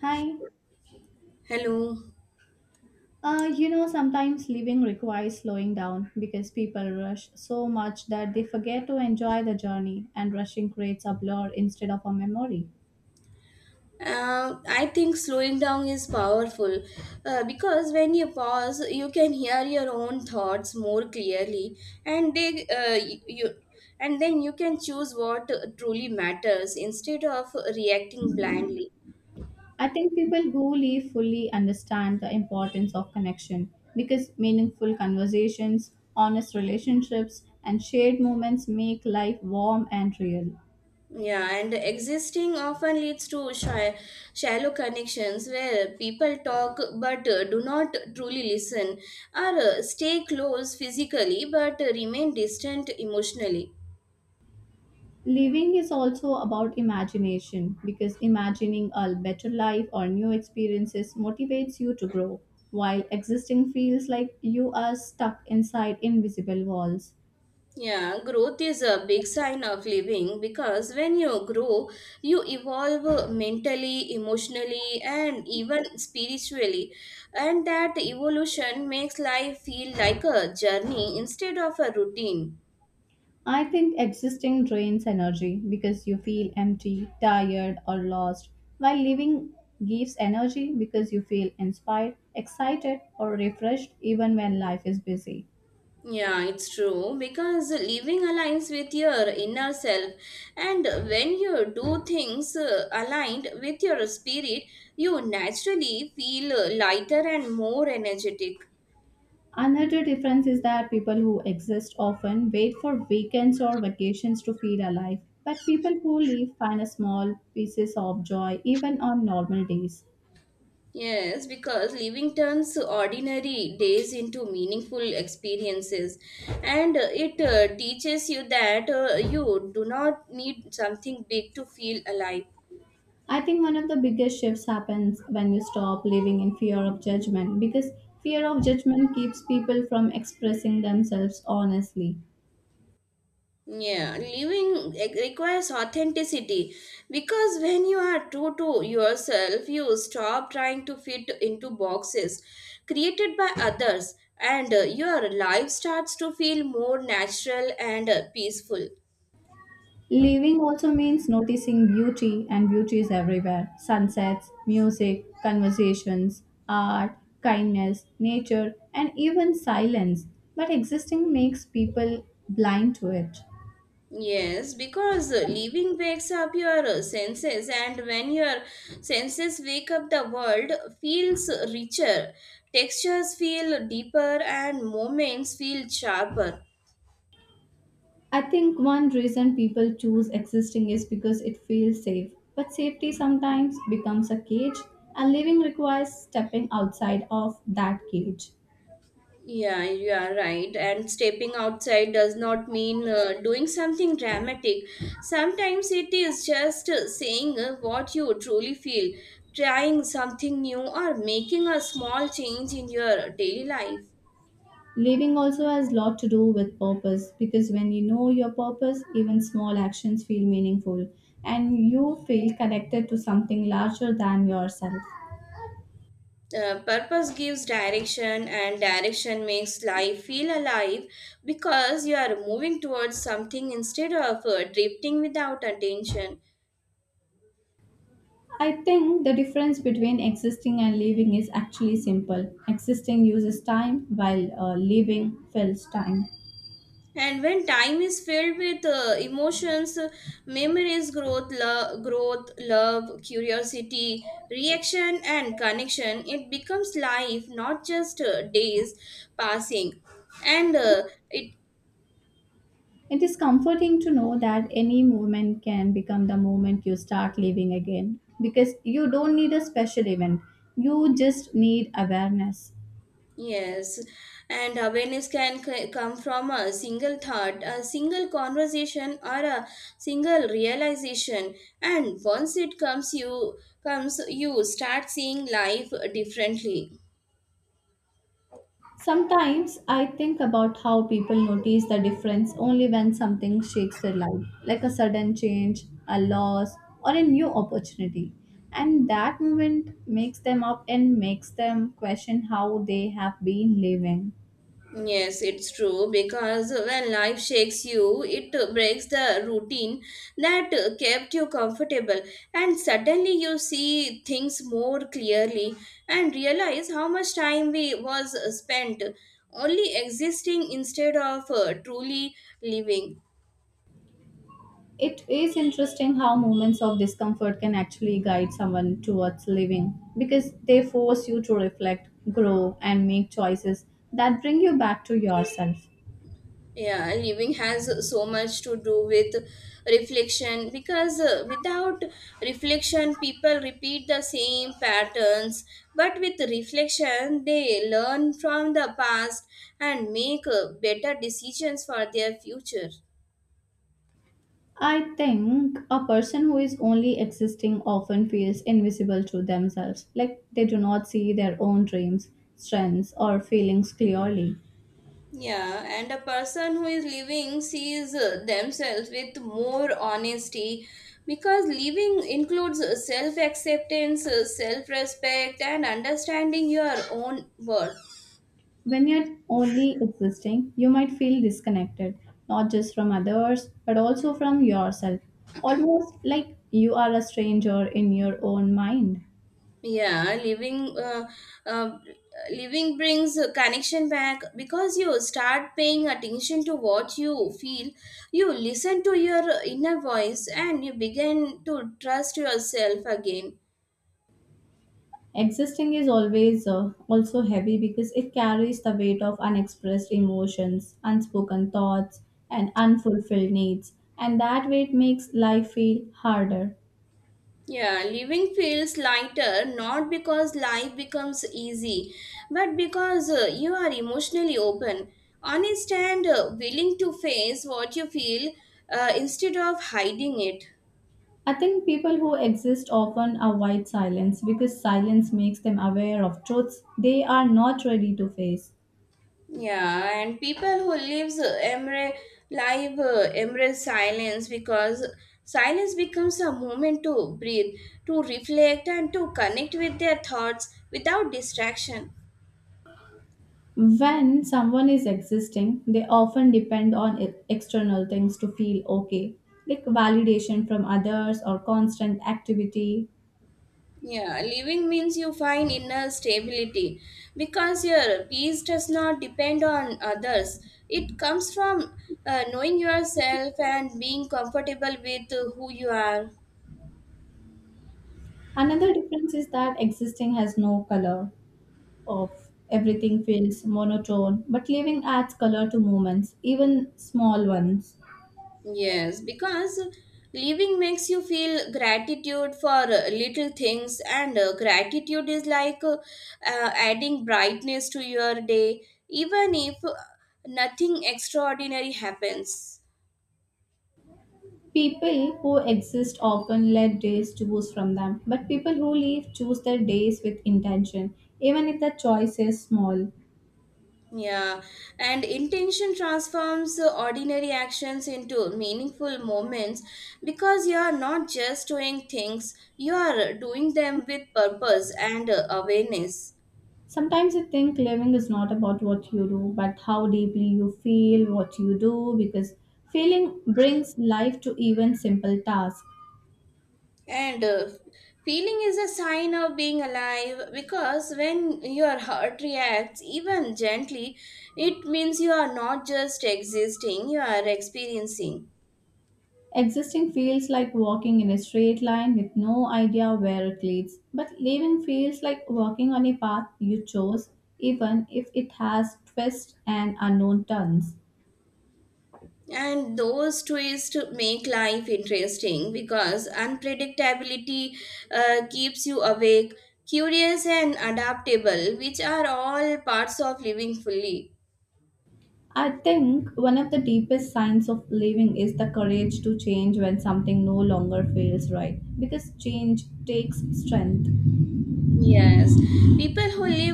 Hi. Hello. Sometimes living requires slowing down because people rush so much that they forget to enjoy the journey, and rushing creates a blur instead of a memory. I think slowing down is powerful because when you pause, you can hear your own thoughts more clearly, and they uh, y- you and then you can choose what truly matters instead of reacting blindly. I think people who live fully understand the importance of connection because meaningful conversations, honest relationships, and shared moments make life warm and real. Yeah, and existing often leads to shy, shallow connections where people talk but do not truly listen, or stay close physically but remain distant emotionally. Living is also about imagination because imagining a better life or new experiences motivates you to grow, while existing feels like you are stuck inside invisible walls. Yeah, growth is a big sign of living because when you grow, you evolve mentally, emotionally, and even spiritually. And that evolution makes life feel like a journey instead of a routine. I think existing drains energy because you feel empty, tired, or lost, while living gives energy because you feel inspired, excited, or refreshed even when life is busy. Yeah, it's true because living aligns with your inner self, and when you do things aligned with your spirit, you naturally feel lighter and more energetic. Another difference is that people who exist often wait for weekends or vacations to feel alive, but people who leave find a small pieces of joy even on normal days. Yes, because living turns ordinary days into meaningful experiences, and it teaches you that you do not need something big to feel alive. I think one of the biggest shifts happens when you stop living in fear of judgment because fear of judgment keeps people from expressing themselves honestly. Yeah, requires authenticity because when you are true to yourself, you stop trying to fit into boxes created by others, and your life starts to feel more natural and peaceful. Living also means noticing beauty, and beauty is everywhere sunsets, music, conversations, art, kindness, nature, and even silence. But existing makes people blind to it. Yes, because leaving wakes up your senses, and when your senses wake up, the world feels richer, textures feel deeper, and moments feel sharper. I think one reason people choose existing is because it feels safe. But safety sometimes becomes a cage, and living requires stepping outside of that cage. Yeah, you are right. And stepping outside does not mean doing something dramatic. Sometimes it is just saying what you truly feel, trying something new, or making a small change in your daily life. Living also has a lot to do with purpose because when you know your purpose, even small actions feel meaningful and you feel connected to something larger than yourself. Purpose gives direction, and direction makes life feel alive because you are moving towards something instead of drifting without attention. I think the difference between existing and living is actually simple. Existing uses time while living fills time. And when time is filled with emotions, memories, growth, love, curiosity, reaction, and connection, it becomes life, not just days passing. And it It is comforting to know that any movement can become the moment you start living again because you don't need a special event, you just need awareness. Yes, and awareness can come from a single thought, a single conversation, or a single realization. And once it comes, you start seeing life differently. Sometimes I think about how people notice the difference only when something shakes their life, like a sudden change, a loss, or a new opportunity. And that moment makes them up and makes them question how they have been living. Yes, it's true because when life shakes you, it breaks the routine that kept you comfortable, and suddenly you see things more clearly and realize how much time we was spent only existing instead of truly living. It is interesting how moments of discomfort can actually guide someone towards living because they force you to reflect, grow, and make choices that bring you back to yourself. Yeah, living has so much to do with reflection because without reflection people repeat the same patterns, but with reflection they learn from the past and make better decisions for their future. I think a person who is only existing often feels invisible to themselves, like they do not see their own dreams, strengths, or feelings clearly. Yeah, and a person who is living sees themselves with more honesty because living includes self acceptance, self respect, and understanding your own worth. When you're only existing, you might feel disconnected, not just from others, but also from yourself, almost like you are a stranger in your own mind. Yeah, living uh, uh, Living brings a connection back because you start paying attention to what you feel. You listen to your inner voice and you begin to trust yourself again. Existing is always also heavy because it carries the weight of unexpressed emotions, unspoken thoughts, and unfulfilled needs, and that weight makes life feel harder. Yeah, living feels lighter not because life becomes easy, but because you are emotionally open, honest, and willing to face what you feel instead of hiding it. I think people who exist often avoid silence because silence makes them aware of truths they are not ready to face. Yeah, and people who lives embrace live embrace silence because silence becomes a moment to breathe, to reflect, and to connect with their thoughts without distraction. When someone is existing, they often depend on external things to feel okay, like validation from others or constant activity. Yeah, living means you find inner stability because your peace does not depend on others. It comes from knowing yourself and being comfortable with who you are. Another difference is that existing has no color of everything feels monotone, but living adds color to moments, even small ones. Yes, because living makes you feel gratitude for little things, and gratitude is like adding brightness to your day, even if nothing extraordinary happens. People who exist often let days choose from them, but people who live choose their days with intention, even if the choice is small. Yeah, and intention transforms ordinary actions into meaningful moments because you are not just doing things, you are doing them with purpose and awareness. Sometimes I think living is not about what you do, but how deeply you feel what you do, because feeling brings life to even simple tasks. And Feeling is a sign of being alive because when your heart reacts, even gently, it means you are not just existing, you are experiencing. Existing feels like walking in a straight line with no idea where it leads, but leaving feels like walking on a path you chose, even if it has twists and unknown turns. And those twists make life interesting because unpredictability keeps you awake, curious, and adaptable, which are all parts of living fully. I think one of the deepest signs of living is the courage to change when something no longer feels right, because change takes strength. Yes, people who